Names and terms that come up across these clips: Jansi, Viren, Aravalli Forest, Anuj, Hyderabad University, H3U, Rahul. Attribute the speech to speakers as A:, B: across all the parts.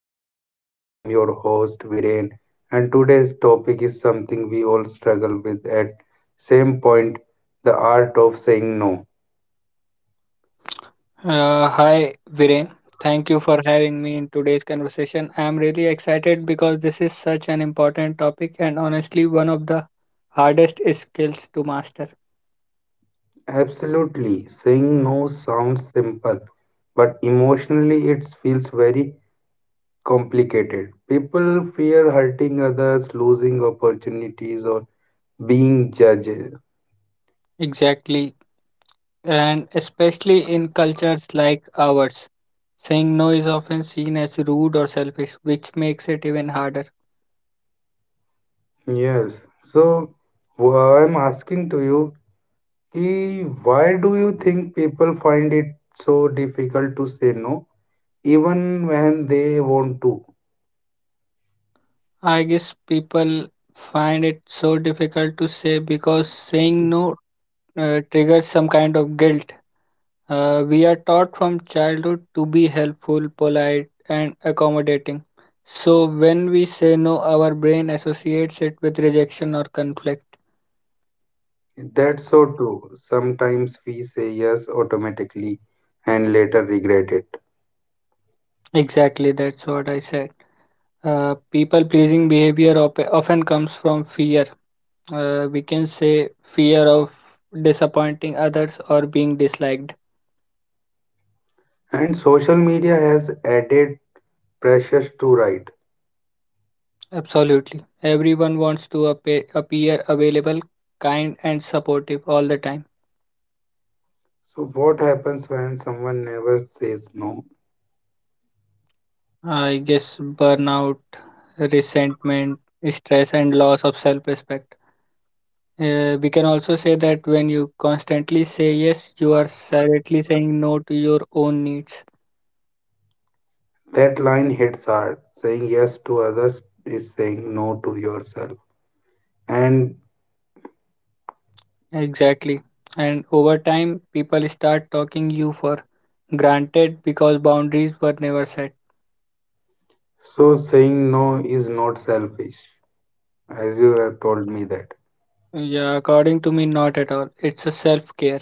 A: us in school. I am your host Viren, and today's topic is something we all struggle with at same point, the art of saying no.
B: Hi, Viren. Thank you for having me in today's conversation. I'm really excited because this is such an important topic and honestly one of the hardest skills to master.
A: Absolutely, saying no sounds simple, but emotionally it feels very complicated. People fear hurting others, losing opportunities, or being judged.
B: Exactly. And especially in cultures like ours, saying no is often seen as rude or selfish, which makes it even harder.
A: Yes. So wh- I'm asking to you, ki why do you think people find it so difficult to say no, even when they want to?
B: I guess people find it so difficult to say because saying no triggers some kind of guilt. We are taught from childhood to be helpful, polite, and accommodating. So when we say no, our brain associates it with rejection or conflict.
A: That's so true. Sometimes we say yes automatically and later regret it.
B: Exactly, that's what I said. People pleasing behavior often comes from fear. We can say fear of disappointing others or being disliked.
A: And social media has added pressures to right.
B: Absolutely. Everyone wants to appear available, kind, and supportive all the time.
A: So what happens when someone never says no?
B: I guess burnout, resentment, stress, and loss of self respect. We can also say that when you constantly say yes, you are silently saying no to your own needs.
A: That line hits hard. Saying yes to others is saying no to yourself. And
B: Exactly. And over time, people start talking you for granted because boundaries were never set.
A: so saying no is not selfish, as you have told me that.
B: Yeah, according to me, not at all. It's a self care.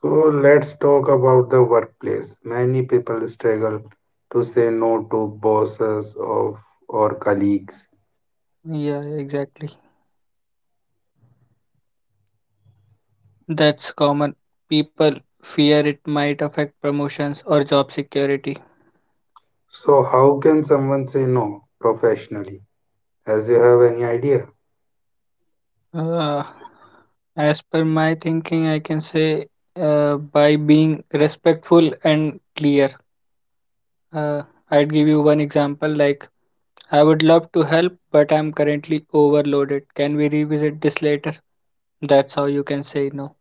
A: So let's talk about the workplace. Many people struggle to say no to bosses of or colleagues.
B: Yeah, exactly. That's common. People fear it might affect promotions or job security.
A: So how can someone say no professionally? As you have any idea?
B: Uh, as per my thinking, I can say by being respectful and clear. Uh, I'd give you one example like, I would love to help, but I'm currently overloaded. Can we revisit this later? That's how you can say no.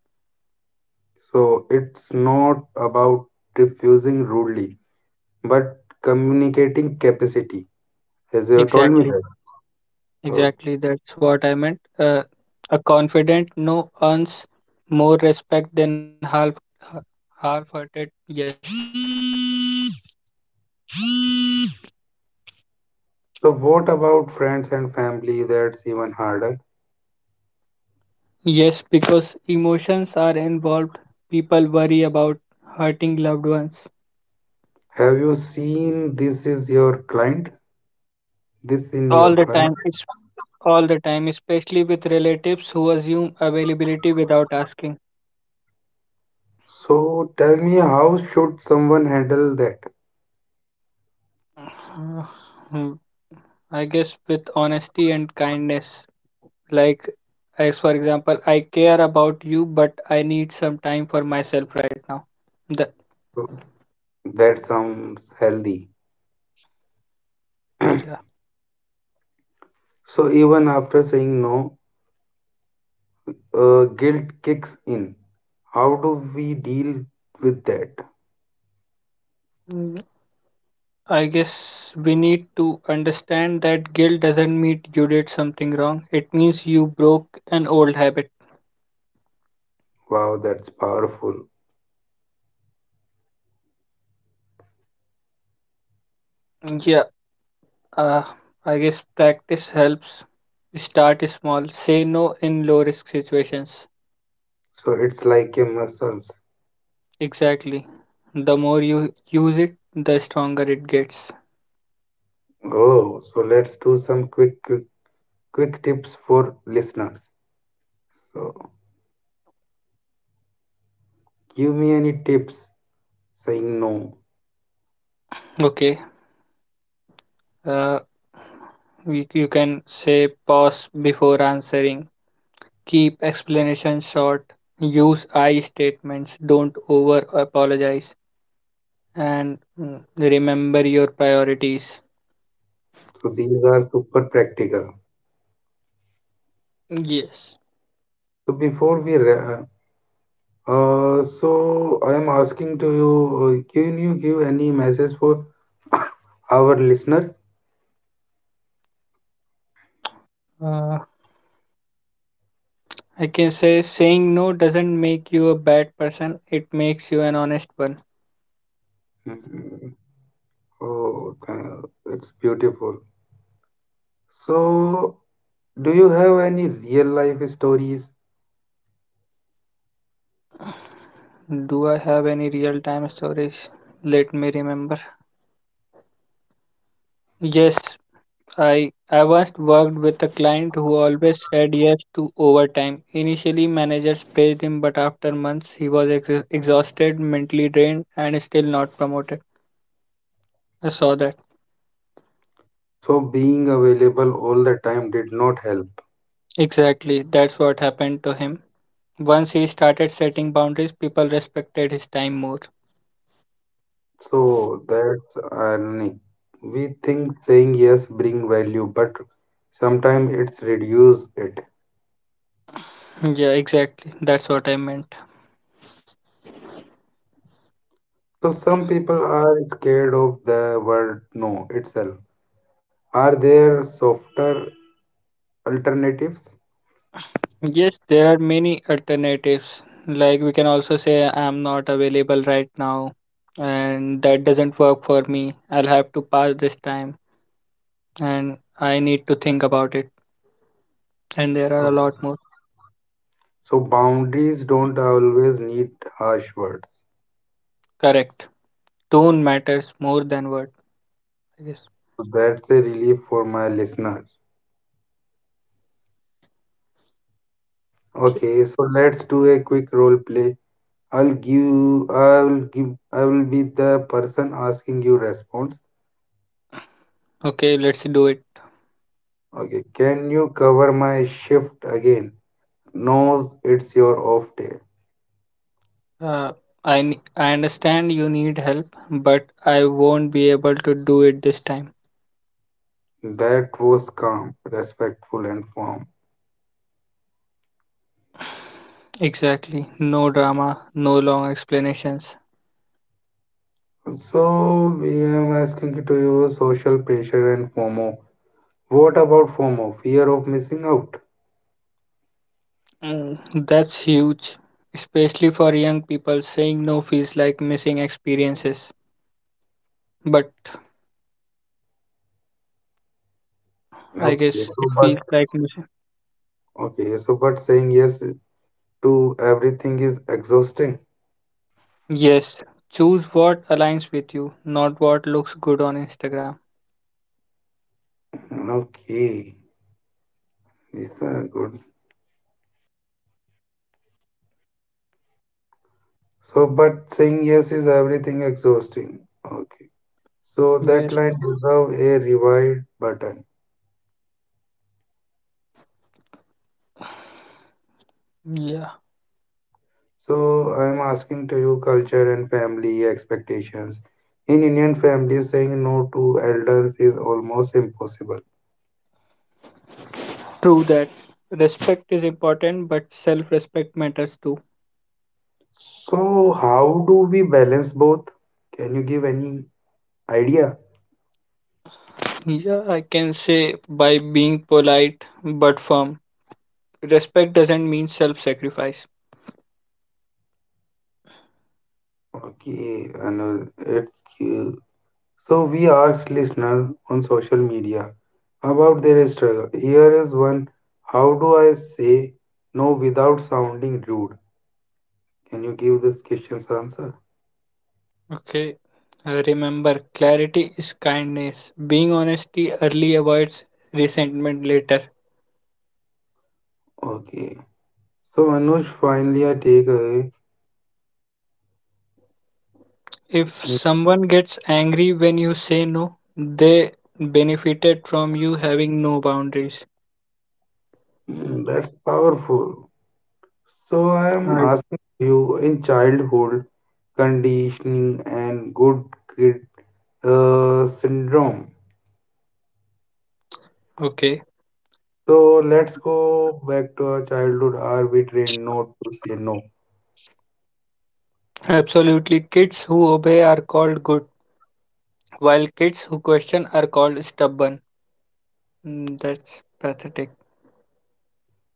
A: So it's not about refusing rudely, but communicating capacity, as you have told me
B: Exactly,
A: that. Uh,
B: exactly. That's what I meant. A confident no earns
A: So what about friends and family? That's even harder.
B: are involved, people worry about hurting loved ones
A: Have you seen this is your client? This in your
B: all the
A: client?
B: time, all the time, especially with relatives who assume availability without asking.
A: So tell me, how should someone handle that?
B: Uh, Hmm, I guess with honesty and kindness. Like, as for example, I care about you, but I need some time for myself right now. The
A: That sounds healthy.
B: yeah.
A: So even after saying no, guilt kicks in. How do we deal with that?
B: Mm, I guess we need to understand that guilt doesn't mean you did something wrong. It means you broke an old habit.
A: Wow, that's powerful.
B: Yeah, Uh, I guess practice helps. Start small. Say no in low risk situations.
A: So it's like a muscles.
B: Exactly. The more you use it, the stronger it gets.
A: Oh, so let's do some quick tips for listeners. So give me any tips saying no.
B: Okay. Uh, you can say pause before answering. Keep explanations short. Use I statements. Don't over apologize. And remember your priorities.
A: So these are super practical.
B: Yes.
A: So before we ra- so I am asking to you, can you give any message for our listeners?
B: Uh, I can say saying no doesn't make you a bad person, it makes you an honest one.
A: Mm. Oh, th- it's beautiful. So do you have any real life stories?
B: Do I have any real time stories? Let me remember. Yes, I once worked with a client who always said yes to overtime. Initially, managers paid him, but after months, he was exhausted, mentally drained, and still not promoted. I saw that.
A: So being available all the time did not help.
B: Exactly, that's what happened to him. Once he started setting boundaries, people respected his time more.
A: So that's ironic. We think saying yes bring value, but sometimes it's reduce it.
B: Yeah, exactly. That's what I meant.
A: So some people are scared of the word no itself. Are there softer alternatives?
B: Yes, there are many alternatives. Like we can also say I'm not available right now and that doesn't work for me. I'll have to pass this time and I need to think about it. And there are a
A: Oh,
B: lot more.
A: so boundaries don't always need harsh words.
B: Correct. Tone matters more than word, I guess.
A: So that's a relief for my listeners. Okay, so let's do a quick role play. I'll give I will be the person asking you response.
B: Okay, let's do it.
A: Okay, can you cover my shift again? Knows it's your off day.
B: Uh, I understand you need help, but I won't be able to do it this time.
A: That was calm, respectful and firm.
B: Exactly. No drama, no long explanations.
A: So we am asking to you social pressure and FOMO. What about FOMO? Fear of missing out.
B: Mm, that's huge, especially for young people. Saying no feels like missing experiences, but I
A: Okay,
B: guess
A: so
B: it
A: but
B: feels like missing.
A: okay, so but saying yes to everything is exhausting.
B: Yes, choose what aligns with you, not what looks good on Instagram.
A: Okay, these are good. So but saying yes is everything exhausting. Okay, so that
B: Yes,
A: line deserve a rewind button.
B: yeah,
A: So I am asking to you culture and family expectations. In Indian families, saying no to elders is almost impossible.
B: true that. Respect is important, but self respect matters too.
A: So, how do we balance both? Can you give any idea?
B: Yeah, I can say by being polite but firm. Respect doesn't mean self sacrifice.
A: Okay, Anuj, it's uh, so we asked listener on social media about their struggle. Here is one. How do I say no without sounding rude? Can you give this question's answer?
B: Okay. Remember, clarity is kindness. Being honesty early avoids resentment later.
A: Okay. So Anush, finally I take away. Mm,
B: If someone gets angry when you say no, they benefited from you having no boundaries.
A: mm, that's powerful. So I am
B: Right.
A: asking you in childhood conditioning and good kid syndrome.
B: Okay.
A: So let's go back to our childhood. Are we trained not to say no?
B: Absolutely. Kids who obey are called good, while kids who question are called stubborn. That's pathetic.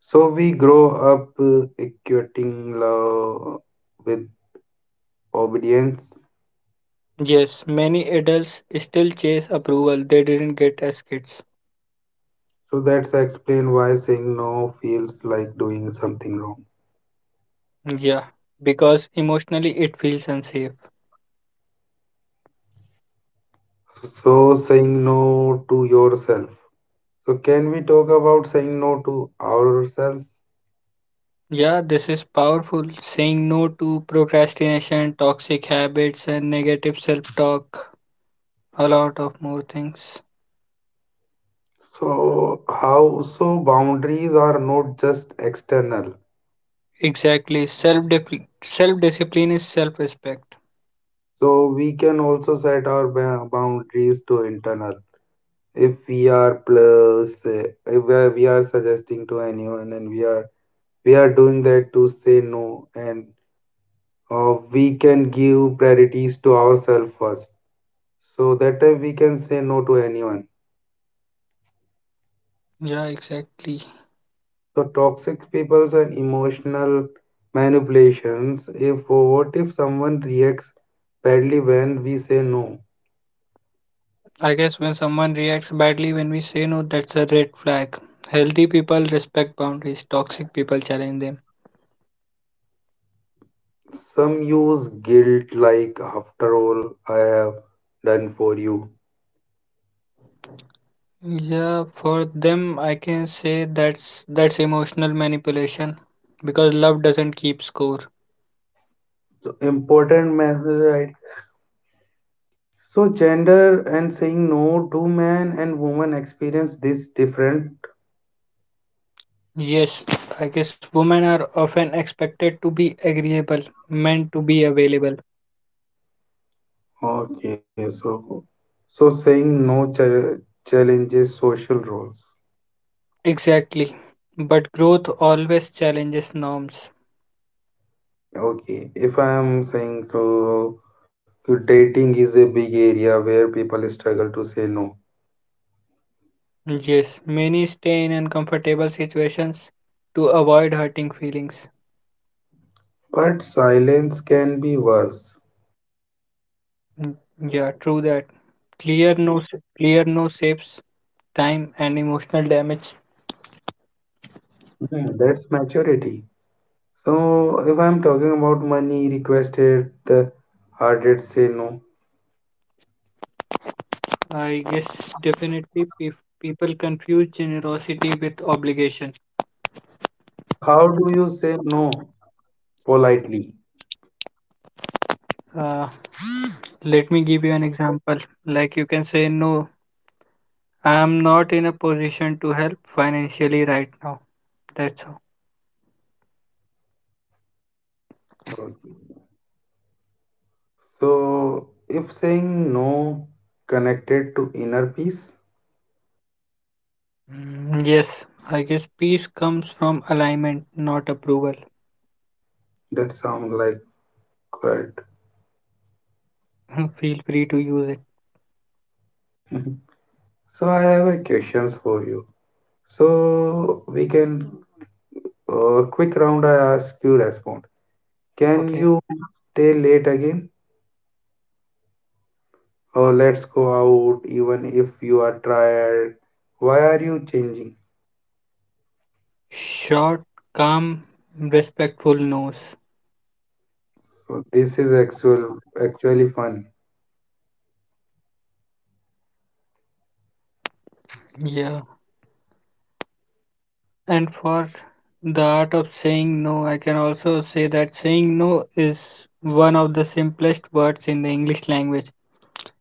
A: So we grow up equating love with obedience.
B: Yes, many adults still chase approval they didn't get as kids.
A: So that's explain why saying no feels like doing something wrong.
B: Yeah, because emotionally it feels unsafe.
A: So saying no to yourself. So can we talk about saying no to ourselves?
B: Yeah, this is powerful. Saying no to procrastination, toxic habits, and negative self-talk. A lot of more things.
A: So, how so boundaries are not just external.
B: Exactly. Self-discipline. Self-discipline is self-respect.
A: So, we can also set our boundaries to internal. If we are plus, eh, if we are we are suggesting to anyone and we are doing that to say no and we can give priorities to ourselves first. So that time we can say no to anyone.
B: Yeah, exactly.
A: So toxic peoples and emotional manipulations. If what if someone reacts badly when we say no?
B: I guess when someone reacts badly when we say no, that's a red flag. Healthy people respect boundaries. Toxic people challenge them.
A: Some use guilt like after all I have done for you.
B: Yeah, for them, I can say that's emotional manipulation because love doesn't keep score.
A: So important message right. So gender and saying no do men and women experience this different.
B: Yes, I guess women are often expected to be agreeable, men to be available.
A: Okay, so saying no challenges social roles.
B: Exactly. But growth always challenges norms.
A: Okay, if I am saying to dating is a big area where people struggle to say no,
B: Yes, many stay in uncomfortable situations to avoid hurting feelings.
A: but silence can be worse.
B: Mm, Yeah, true that. Clear no clear no saves time and emotional damage.
A: Hmm, that's maturity. So if I'm talking about money requested, the hardest say no.
B: I guess definitely people confuse generosity with obligation.
A: How do you say no politely?
B: Uh, let me give you an example. Like you can say no I am not in a position to help financially right now. That's all.
A: Okay. So if saying no connected to inner peace,
B: Yes, I guess peace comes from alignment, not approval.
A: that sounds like good.
B: Feel free to use it.
A: So I have a questions for you. So we can quick round. I ask you respond. Can
B: Okay.
A: you stay late again? Or let's go out even if you are tired. Why are you changing?
B: Short, calm, respectful no's.
A: So this is actually fun.
B: Yeah. And for the art of saying no, I can also say that saying no is one of the simplest words in the English language.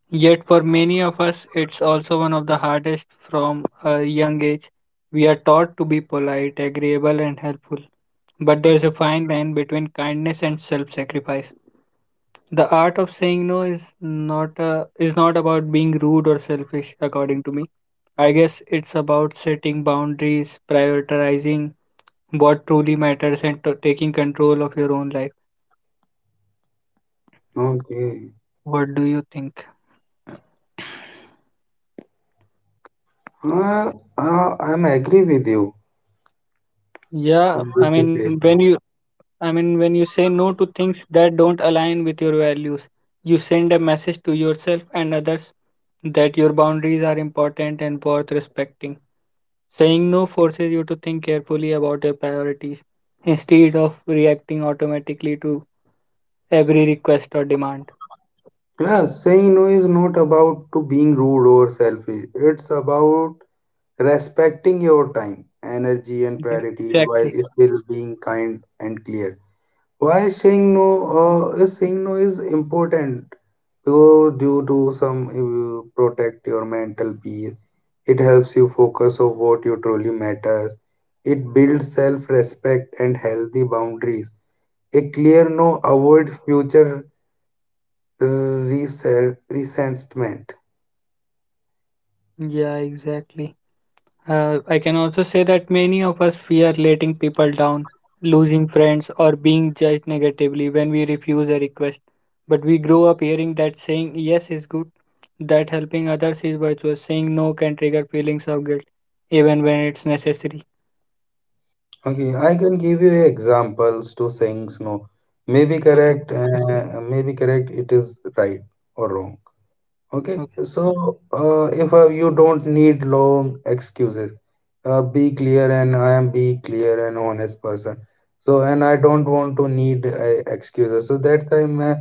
B: Yet, for many of us, it's also one of the hardest from a young age. We are taught to be polite, agreeable, and helpful. But there's a fine line between kindness and self sacrifice. The art of saying no is not about being rude or selfish, according to me. I guess it's about setting boundaries, prioritizing what truly matters, and to taking control of your own life.
A: Okay.
B: What do you think?
A: Uh, I'm agree with you
B: Yeah,
A: in
B: I
A: this
B: mean, when
A: situation.
B: you I mean, when you say no to things that don't align with your values, you send a message to yourself and others that your boundaries are important and worth respecting. Saying no forces you to think carefully about your priorities instead of reacting automatically to every request or demand.
A: Yeah, saying no is not about to being rude or selfish. It's about respecting your time, energy, and
B: Yeah,
A: priorities while
B: exactly.
A: still being kind and clear. Why saying no is important, so due to some protect your mental peace, it helps you focus on what you truly matters, it builds self-respect and healthy boundaries, a clear no avoid future uh, resentment.
B: Yeah, exactly. I can also say that many of us fear letting people down, losing friends, or being judged negatively when we refuse a request. But we grow up hearing that saying yes is good, that helping others is virtuous, saying no can trigger feelings of guilt, even when it's necessary.
A: Okay, I can give you examples to saying no,
B: Okay,
A: maybe correct it is, right or wrong. Okay,
B: okay,
A: so if you don't need long excuses, be clear, and I am be clear and honest person. So, and I don't want to need excuses. So that time,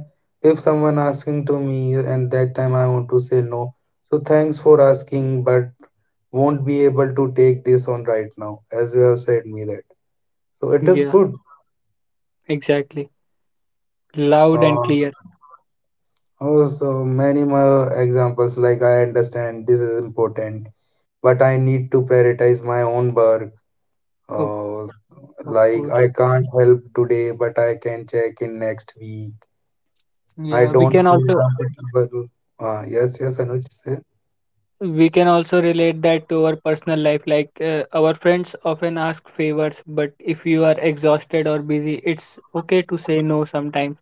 A: if someone asking to me, and that time I want to say no. So thanks for asking, but won't be able to take this on right now, as you have said me that. So it is
B: yeah,
A: good.
B: exactly. Loud and
A: Uh,
B: clear.
A: also, many more examples like I understand this is important but I need to prioritize my own work.
B: Oh,
A: Uh,
B: of
A: like I
B: course.
A: can't help today, but I can check in next week. I
B: Yeah, we
A: don't
B: can
A: feel
B: also
A: comfortable. Yes, yes, Anuj, say.
B: We can also relate that to our personal life. Like our friends often ask favors, but if you are exhausted or busy, it's okay to say no sometimes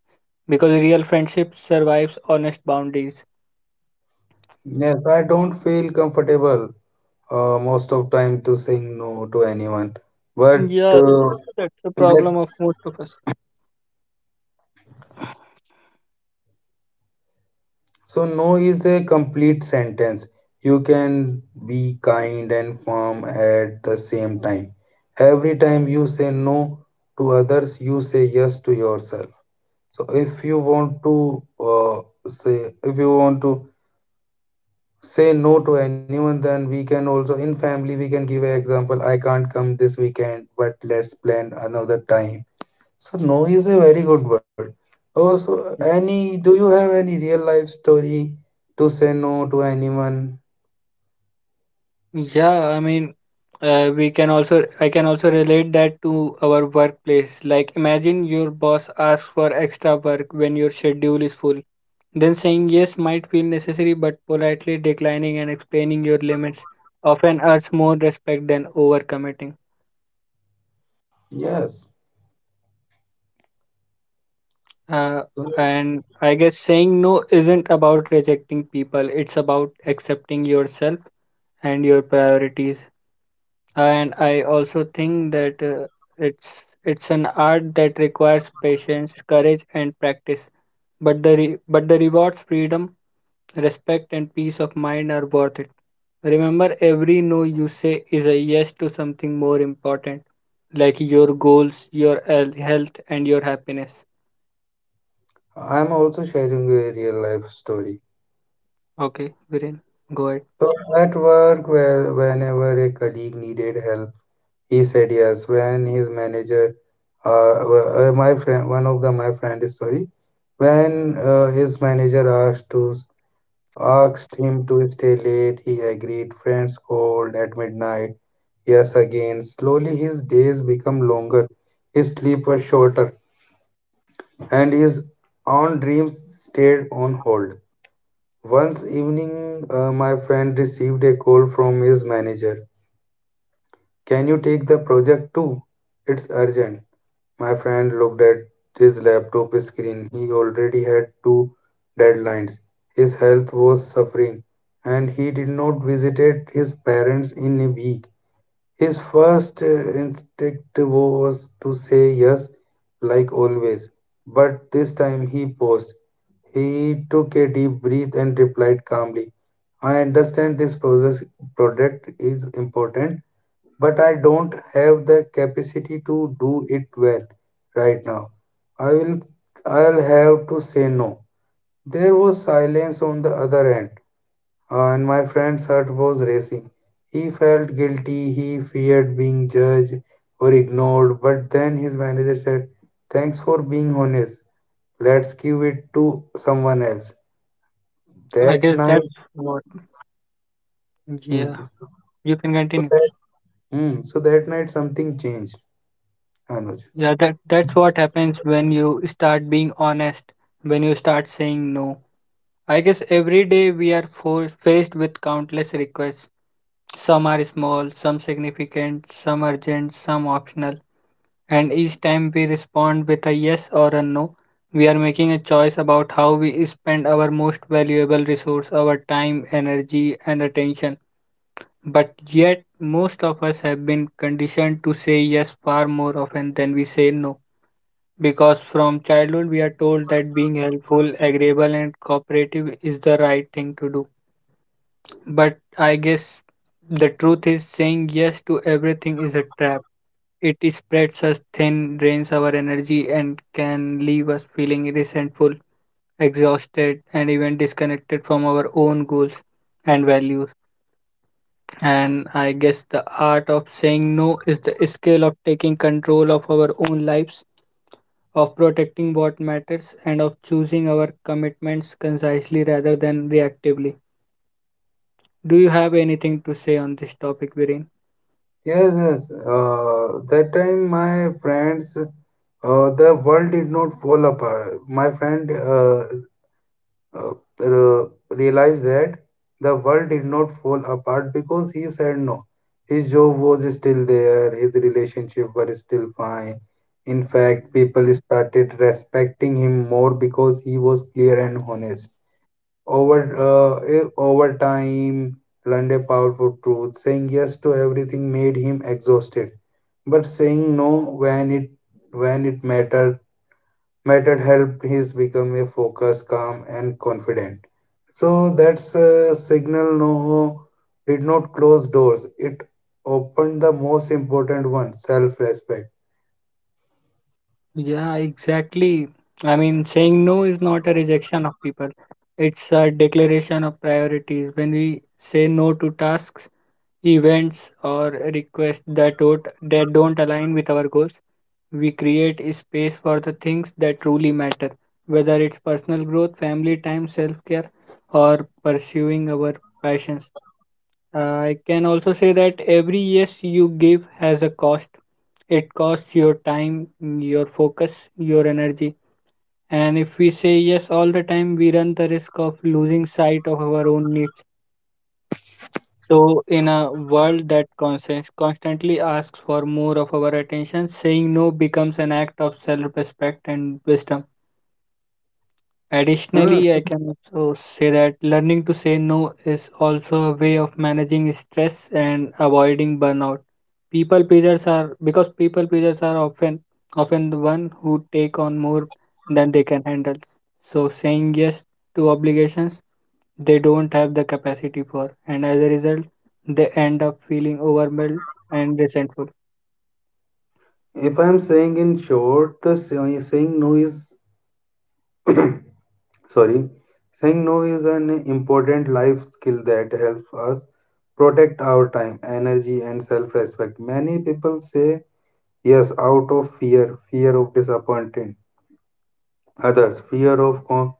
B: because real friendship survives honest boundaries.
A: Yes, I don't feel comfortable most of time to saying no to anyone. But
B: Yeah, that's the
A: that
B: problem of most of us.
A: So, no is a complete sentence. You can be kind and firm at the same time. Every time you say no to others, you say yes to yourself. So, if you want to if you want to say no to anyone, then we can also in family we can give an example. I can't come this weekend, but let's plan another time, so no is a very good word. Also, any do you have any real life story to say no to anyone?
B: Yeah, I mean, we can also I can also relate that to our workplace. Like imagine your boss asks for extra work when your schedule is full. Then saying yes might feel necessary, but politely declining and explaining your limits often earns more respect than overcommitting.
A: Yes.
B: Uh,
A: So,
B: and I guess saying no isn't about rejecting people, it's about accepting yourself and your priorities. And I also think that it's an art that requires patience courage and practice but the but the rewards freedom respect and peace of mind are worth it. Remember every no you say is a yes to something more important, like your goals your health and your happiness.
A: I'm also sharing a real life story.
B: Okay Viren, go ahead.
A: So at work, where whenever a colleague needed help, he said yes. When his manager, uh, my friend, one of the my friend story, when his manager asked him to stay late, he agreed. Friends called at midnight. Yes, again, slowly his days become longer, his sleep was shorter, and his own dreams stayed on hold. Once evening, my friend received a call from his manager. Can you take the project too? It's urgent. My friend looked at his laptop screen. He already had two deadlines. His health was suffering, and he did not visit his parents in a week. His first instinct was to say yes, like always. But this time he paused. He took a deep breath and replied calmly, I understand this process product is important, but I don't have the capacity to do it well right now. I will I'll have to say no. There was silence on the other end. And my friend's heart was racing. He felt guilty, he feared being judged or ignored, but then his manager said, thanks for being honest, let's give it to someone else.
B: I
A: That
B: guess that's
A: night,
B: what yeah,
A: mm,
B: you can
A: so
B: continue.
A: that, mm, So that night something changed, Anuj.
B: Yeah, that's what happens when you start being honest, when you start saying no. I guess every day we are faced with countless requests. Some are small, some significant, some urgent, some optional. And each time we respond with a yes or a no, we are making a choice about how we spend our most valuable resource, our time, energy, and attention. But yet, most of us have been conditioned to say yes far more often than we say no because from childhood we are told that being helpful, agreeable, and cooperative is the right thing to do. But I guess the truth is saying yes to everything is a trap. It spreads us thin, drains our energy, and can leave us feeling resentful, exhausted, and even disconnected from our own goals and values. And I guess the art of saying no is the skill of taking control of our own lives, of protecting what matters, and of choosing our commitments concisely rather than reactively. Do you have anything to say on this topic, Viren?
A: Yes, yes. That time my friends, The world did not fall apart. My friend uh, realized that the world did not fall apart because he said no. His job was still there, his relationship were still fine. In fact, people started respecting him more because he was clear and honest. Over time, learned a powerful truth. Saying yes to everything made him exhausted, but saying no when it when it mattered method helped his become a focused, calm, and confident. So that's a signal no did not close doors. It opened the most important one, self-respect.
B: Yeah, exactly. I mean, saying no is not a rejection of people, it's a declaration of priorities. When we say no to tasks, events, or requests that don't align with our goals, we create a space for the things that truly matter, whether it's personal growth, family time, self care, or pursuing our passions. I can also say that every yes you give has a cost. It costs your time, your focus, your energy. And if we say yes all the time, we run the risk of losing sight of our own needs. So, in a world constantly asks for more of our attention, saying no becomes an act of self respect and wisdom.
A: Huh,
B: Additionally, I can also say that learning to say no is also a way of managing stress and avoiding burnout. People pleasers are often the one who take on more than they can handle. So saying yes to obligations they don't have the capacity for and as a result they end up feeling overwhelmed and resentful.
A: if I am saying in short, the say- saying no is, sorry, saying no is an important life skill that helps us protect our time, energy, and self-respect. Many people say yes out of fear, fear of disappointing others,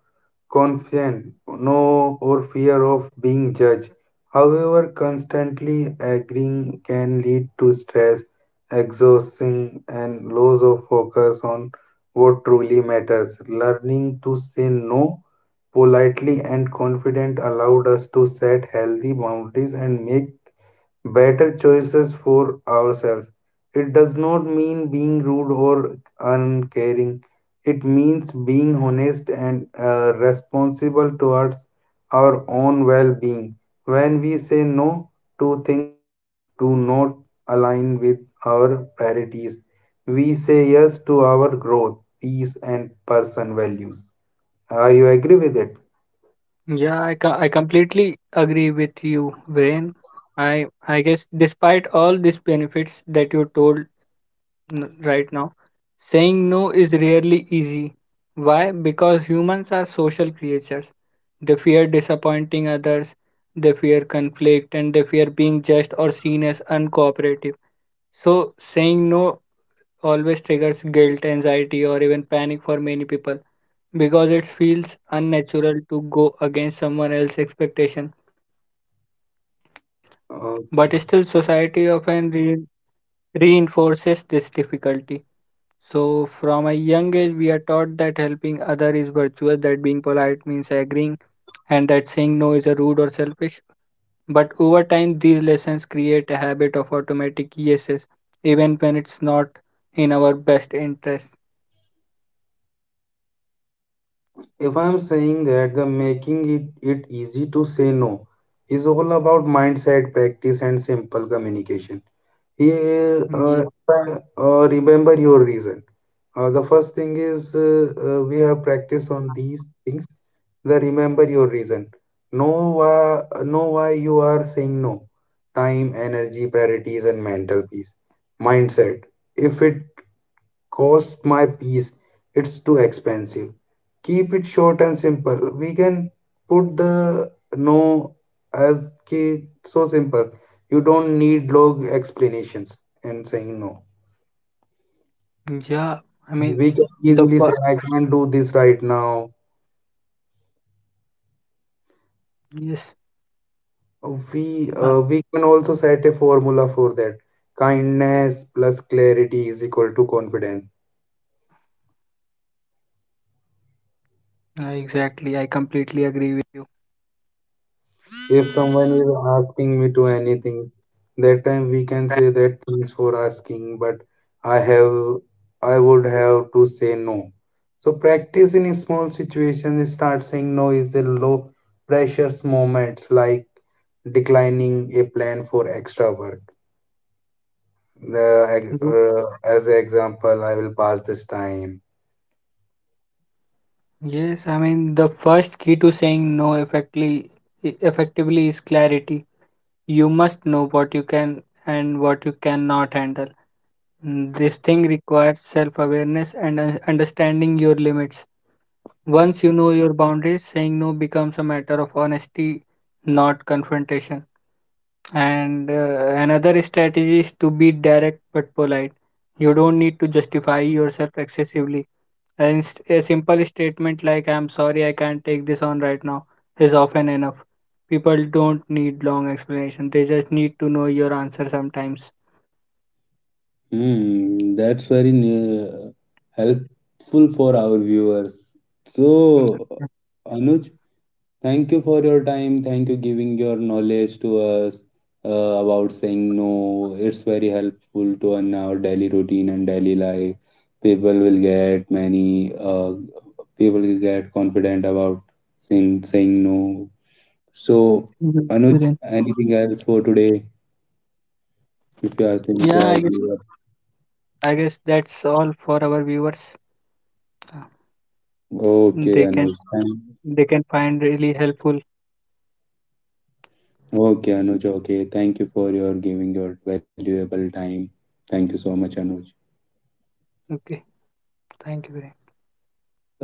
A: confident, no, or fear of being judged. However, constantly agreeing can lead to stress, exhaustion, and loss of focus on what truly matters. Learning to say no politely and confident allowed us to set healthy boundaries and make better choices for ourselves. It does not mean being rude or uncaring. It means being honest and responsible towards our own well being. When we say no to things that do not align with our priorities, we say yes to our growth, peace, and person values. Are you agree with it?
B: Yeah I completely agree with you Wayne. I guess despite all these benefits that you told right now, saying no is rarely easy. Why? Because humans are social creatures, they fear disappointing others, they fear conflict and they fear being judged or seen as uncooperative. So saying no always triggers guilt, anxiety, or even panic for many people because it feels unnatural to go against someone else's expectation. But still, society often reinforces this difficulty. So, from a young age, we are taught that helping others is virtuous, that being polite means agreeing, and that saying no is a rude or selfish. But over time, these lessons create a habit of automatic yeses, even when it's not in our best interest.
A: If I'm saying that the it easy to say no is all about mindset practice and simple communication. Yeah,
B: Yeah.
A: remember your reason. The first thing is We have practice on these things, the remember your reason, know why you are saying no, time energy priorities and mental peace mindset. If it cost my piece. It's too expensive. Keep it short and simple. We can put the no as ki so simple. You don't need long explanations and saying no.
B: Yeah, I
A: We can
B: mean
A: easily
B: the
A: say I
B: fi-
A: can't do this right now.
B: yes,
A: We
B: uh,
A: can also set a formula for that. Kindness plus clarity is equal to confidence. If someone is asking me to anything, that time we can say that thanks for asking, but I have I would have to say no. So practice in small situations, start saying no is a low precious moments like declining a plan for extra work. The,
B: Mhm.
A: as an example, I will pass this time.
B: Yes, I mean the first key to saying no effectively is clarity. You must know what you can and what you cannot handle. This thing requires self-awareness and understanding your limits. Once you know your boundaries, saying no becomes a matter of honesty, not confrontation. And another strategy is to be direct but polite. You don't need to justify yourself excessively. And a simple statement like, I'm sorry, I can't take this on right now, is often enough. People don't need long explanation, they just need to know your answer sometimes.
A: Hmm, that's very helpful for our viewers. So,
B: Mhm.
A: Anuj, thank you for your time. Thank you giving your knowledge to us uh, about saying no. It's very helpful to in our daily routine and daily life. People will get many. People will get confident about saying no. So, Anuj,
B: Within.
A: anything else for today? If you are
B: Yeah,
A: saying
B: I
A: to
B: guess
A: our viewer,
B: I guess that's all for our viewers. Uh,
A: okay,
B: They
A: Anuj.
B: can
A: Thank,
B: they can find really helpful.
A: okay, Anuj. Okay, thank you for your giving your valuable time. Thank you so much, Anuj.
B: Okay, thank you very much.
A: Well,